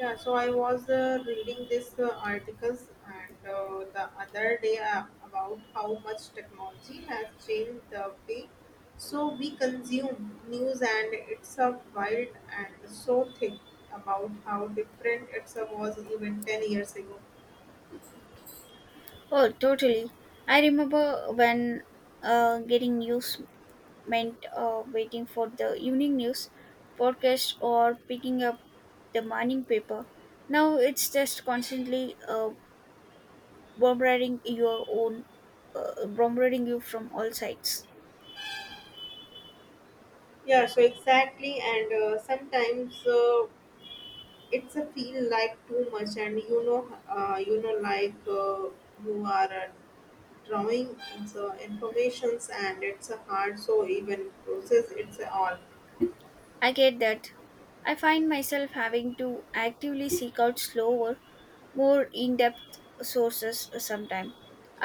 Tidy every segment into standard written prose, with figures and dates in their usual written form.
Yeah, so I was reading this articles and the other day about how much technology has changed the way so we consume news and it's a wild and so thick about how different it was even 10 years ago. Oh, totally. I remember when getting news meant waiting for the evening news podcast or picking up the morning paper. Now it's just constantly bombarding your own, bombarding you from all sides. Yeah, so exactly, and sometimes it's a feel like too much, and like you are drawing the informations and it's a hard so even process it's all I get that. I find myself having to actively seek out slower, more in depth sources sometimes.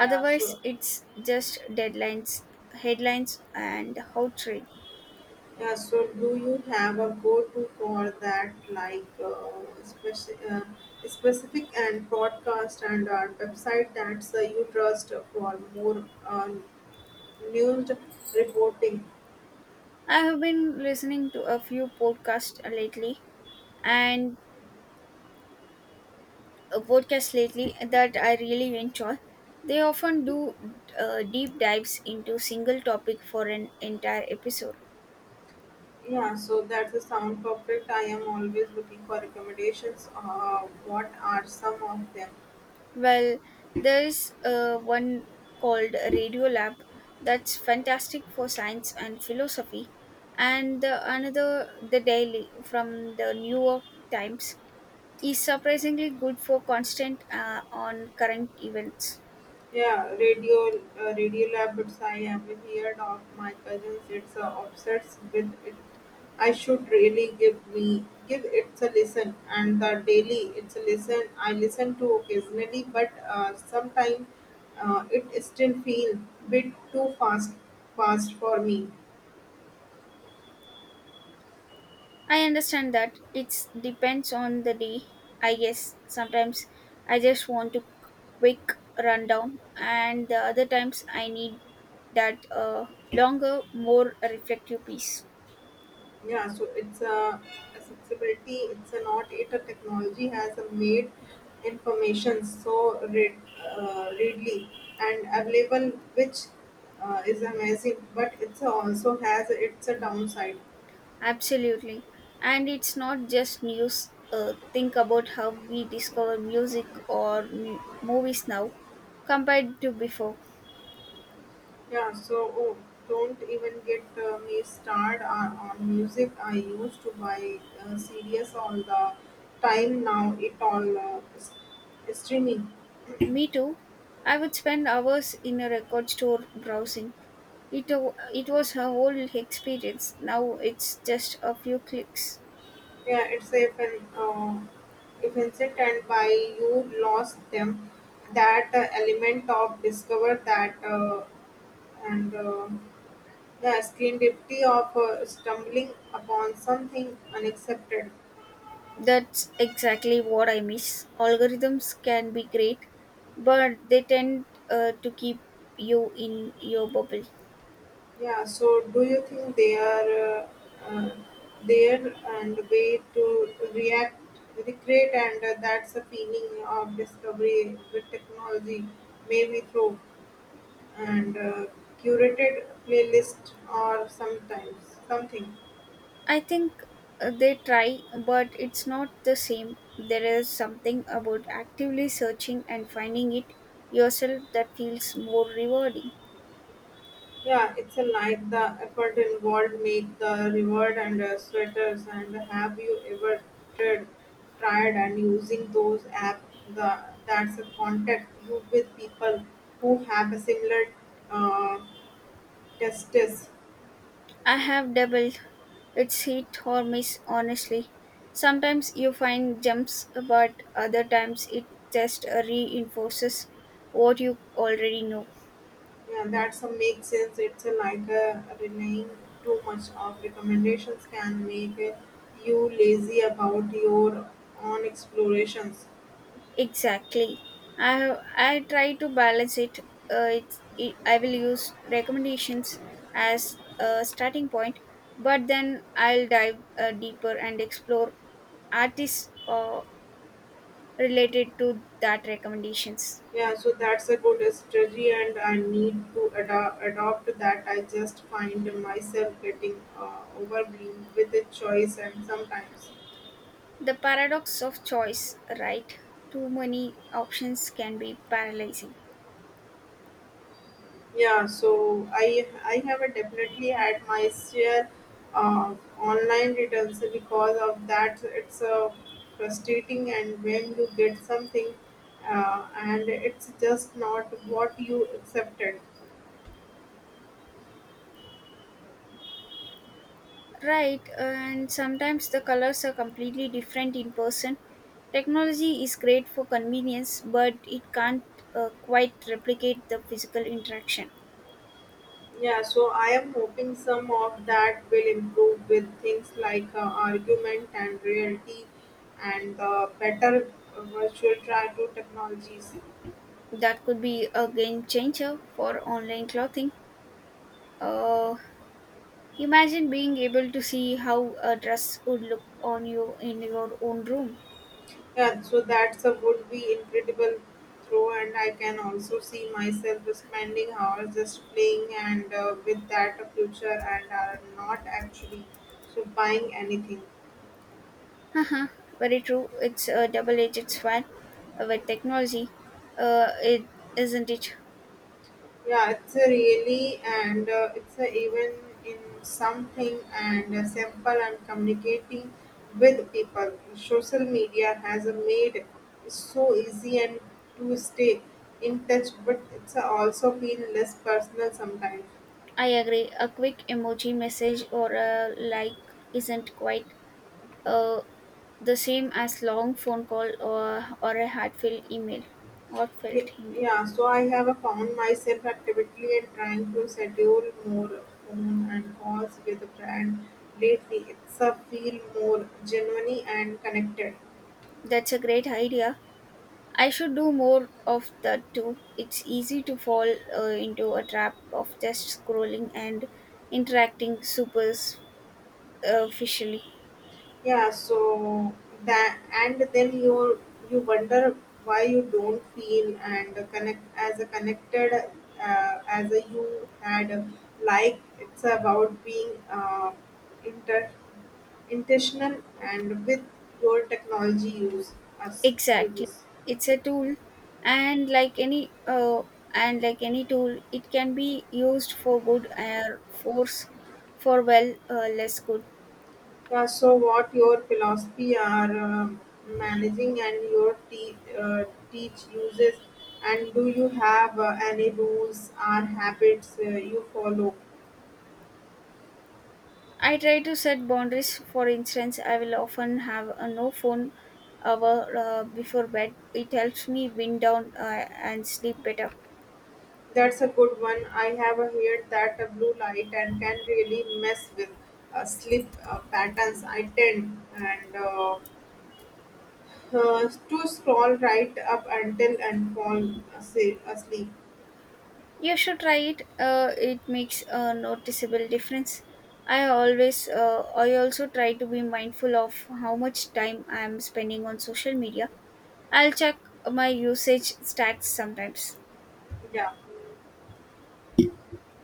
yeah so it's just deadlines, headlines, and how trade. yeah so do you have a go-to for that like speci- uh, specific and podcast and website that you trust for more news reporting I have been listening to a few podcasts lately and that I really enjoy. They often do deep dives into single topic for an entire episode. yeah so that's the sound perfect. I am always looking for recommendations, what are some of them? Well, there is one called Radiolab that's fantastic for science and philosophy, and another, The Daily from the New York Times, is surprisingly good for constant on current events. Yeah, radio lab. But I have heard of my cousins. It's obsessed with it. I should really give it a listen. And the daily, it's a listen. I listen to occasionally, but sometimes it still feel bit too fast for me. I understand that it depends on the day. I guess sometimes I just want to quick rundown, and the other times I need that longer, more reflective piece. Yeah, so it's a accessibility. It's a not it a technology has made information so readily and available, which is amazing. But it's also has it's a downside. Absolutely. And it's not just news. Think about how we discover music or movies now compared to before. Yeah, so oh, don't even get me started on music. I used to buy CDs all the time. Now it all is streaming. Me too. I would spend hours in a record store browsing. It was a whole experience. Now it's just a few clicks. Yeah, it's if an if incident by you lost them, that element of discover that and yeah, serendipity of stumbling upon something unexpected. That's exactly what I miss. Algorithms can be great, but they tend to keep you in your bubble. Yeah, so do you think they are uh, uh, there and way to recreate, and that's a feeling of discovery with technology, maybe through and curated playlist or sometimes something. I think they try, but it's not the same. There is something about actively searching and finding it yourself that feels more rewarding. Yeah, it's a like the effort involved make the reward and sweaters. And have you ever tried, tried and using those app? The that's a contact you with people who have a similar uh, testes. I have doubled. It's hit or miss, honestly. Sometimes you find gems, but other times it just reinforces what you already know. Yeah, that's a make sense. It's a like relying too much of recommendations can make you lazy about your own explorations. Exactly. I try to balance it. I will use recommendations as a starting point, but then I'll dive deeper and explore artists related to that recommendations. Yeah, so that's a good strategy, and I need to adopt that. I just find myself getting overwhelmed with the choice, and sometimes The paradox of choice, right? Too many options can be paralyzing. yeah, so I have definitely had my share of online returns because of that. It's frustrating, and when you get something, and it's just not what you accepted. Right, and sometimes the colors are completely different in person. Technology is great for convenience, but it can't quite replicate the physical interaction. Yeah, so I am hoping some of that will improve with things like argument and reality, and better virtual try to technologies. That could be a game changer for online clothing. Uh, Imagine being able to see how a dress would look on you in your own room. Yeah, so that's a would be incredible throw, and I can also see myself spending hours just playing and with that a future and are not actually so buying anything. Haha, very true. It's a double edged sword with technology, uh, it, isn't it? Yeah, it's a really and it's a even in something and simple and communicating with people. Social media has made it so easy and to stay in touch, but it's also been less personal sometimes. I agree. A quick emoji message or a like isn't quite uh, the same as long phone call or a heartfelt email. Ye- Heartfelt email. Yeah, so I have found myself actively and trying to schedule more phone and calls with a brand lately. It's a feel more genuine and connected. That's a great idea. I should do more of that too. It's easy to fall into a trap of just scrolling and interacting superficially. Yeah, so that and then you wonder why you don't feel and connect as a connected as a you had like it's about being inter Intentional and with your technology use us Exactly. uses. It's a tool and like any uh, and like any tool it can be used for good or force for well less good. Yeah, so what your philosophy are managing and your teach uses and do you have any rules or habits you follow? I try to set boundaries. For instance, I will often have a no phone hour before bed. It helps me wind down and sleep better. That's a good one. I have heard that a blue light and can really mess with sleep patterns. I tend and to scroll right up until and fall asleep. You should try it. It makes a noticeable difference. I also try to be mindful of how much time I am spending on social media. I'll check my usage stats sometimes. Yeah.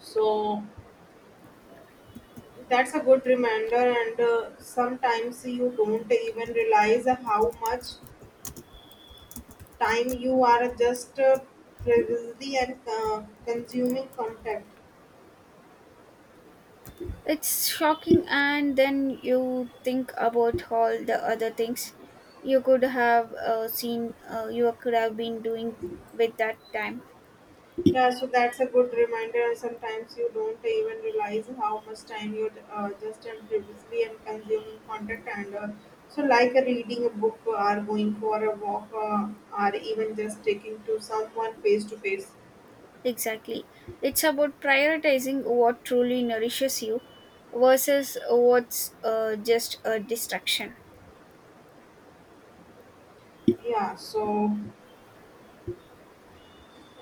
So that's a good reminder, and sometimes you don't even realize how much time you are just previously and consuming content. It's shocking, and then you think about all the other things you could have been doing with that time. Yeah, so that's a good reminder. And sometimes you don't even realize how much time you just and previously and consuming content, and so like reading a book, or going for a walk, or even just taking to someone face to face. Exactly. It's about prioritizing what truly nourishes you versus what's just a distraction. Yeah, so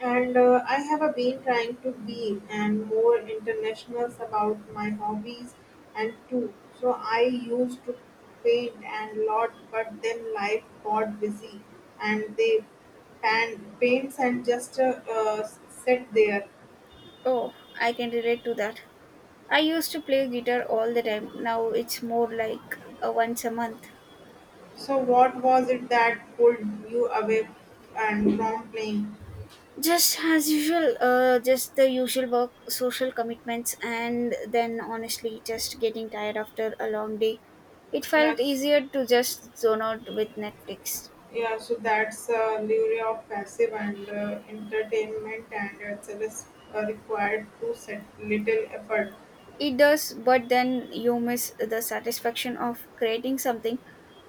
and I have been trying to be and more international about my hobbies and too. So I used to paint and lot, but then life got busy, and they pan paints and just sit there. Oh, I can relate to that. I used to play guitar all the time. Now it's more like once a month. So what was it that pulled you away and from playing? Just as usual, just the usual work social commitments, and then honestly just getting tired after a long day. It felt Yes. easier to just zone out with Netflix. Yeah, so that's a lure of passive and entertainment, and it's a required to set little effort. It does, but then you miss the satisfaction of creating something,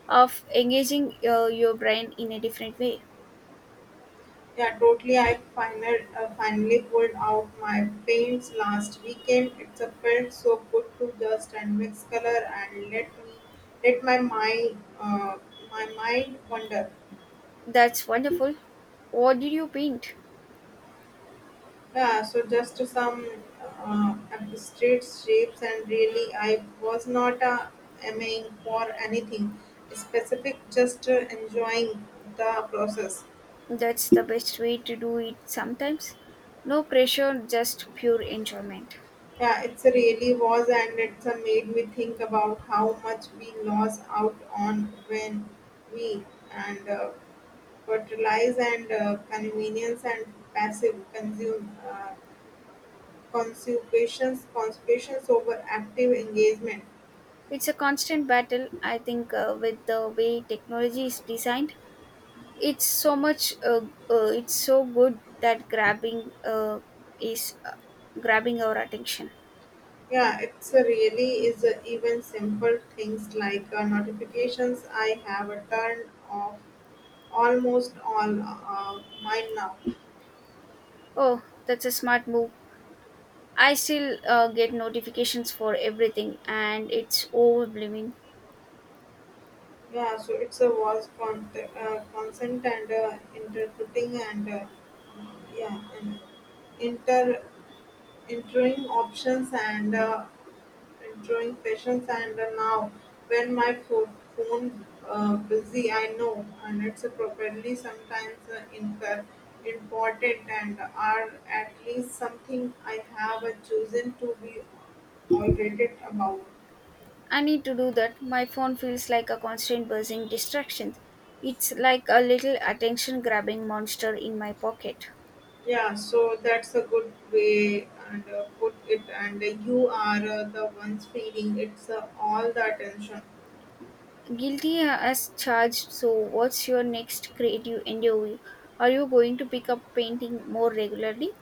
of engaging your brain in a different way. Yeah, totally. I finally pulled out my paints last weekend. It's a felt so good to just and mix color and let my mind wander. That's wonderful. What did you paint? Yeah, so just some abstract shapes, and really, I was not aiming for anything specific, just enjoying the process. That's the best way to do it sometimes. No pressure, just pure enjoyment. Yeah, it's really was, and it's made me think about how much we lost out on when we and fertilize and convenience and passive consume consumptions, consumptions over active engagement It's a constant battle, I think, with the way technology is designed. It's so much, it's so good that grabbing is grabbing our attention. yeah, it's a really is a, even simple things like notifications. I have a turned off almost all mine now. Oh, that's a smart move. I still get notifications for everything, and it's overwhelming. Yeah, so it's a was consent and interpreting and yeah and inter entering options and Enjoying patience and now when my phone busy I know and it's properly. Sometimes important and are at least something I have chosen to be irritated about. I need to do that. My phone feels like a constant buzzing distraction. It's like a little attention grabbing monster in my pocket. Yeah, so that's a good way and put it. And you are the ones feeling it's all the attention. Guilty as charged. So, what's your next creative endeavor? Are you going to pick up painting more regularly?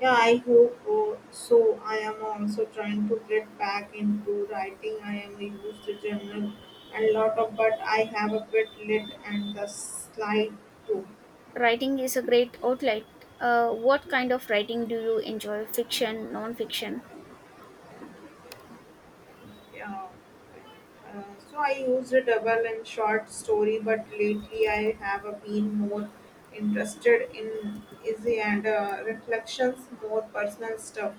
Yeah, I hope so. I am also trying to get back into writing. I am a used to journal and lot of, but I have a bit lit and the slide too. Writing is a great outlet. What kind of writing do you enjoy? Fiction, non-fiction? Yeah. Uh, so I used a double and short story, but lately I have been more interested in easy and reflections, more personal stuff.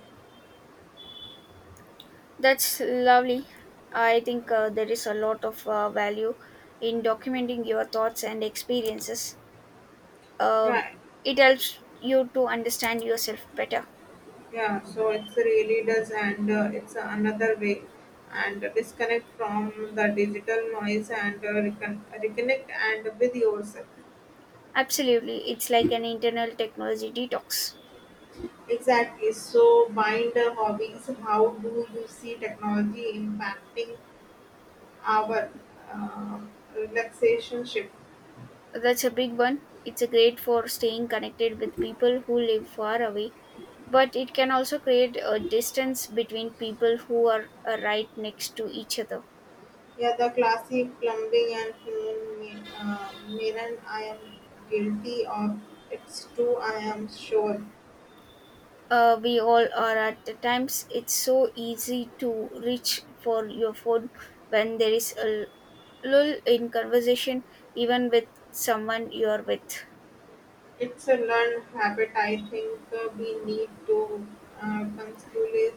That's lovely. I think there is a lot of value in documenting your thoughts and experiences. Um, Yeah, it helps you to understand yourself better. yeah, so it really does, and it's another way, and disconnect from the digital noise and reconnect and with yourself. Absolutely, it's like an internal technology detox. Exactly. So, bind hobbies. How do you see technology impacting our uh, relaxation shift? That's a big one. It's a great for staying connected with people who live far away, but it can also create a distance between people who are right next to each other. Yeah, the classic plumbing and phone mirror. I am guilty of. It's true. I am sure. We all are at the times. It's so easy to reach for your phone when there is a lull in conversation, even with someone you are with. It's a learned habit. I think we need to uh, consciously-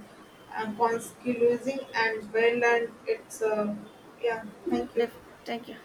consciously and well, and it's yeah. Thank you. Thank you.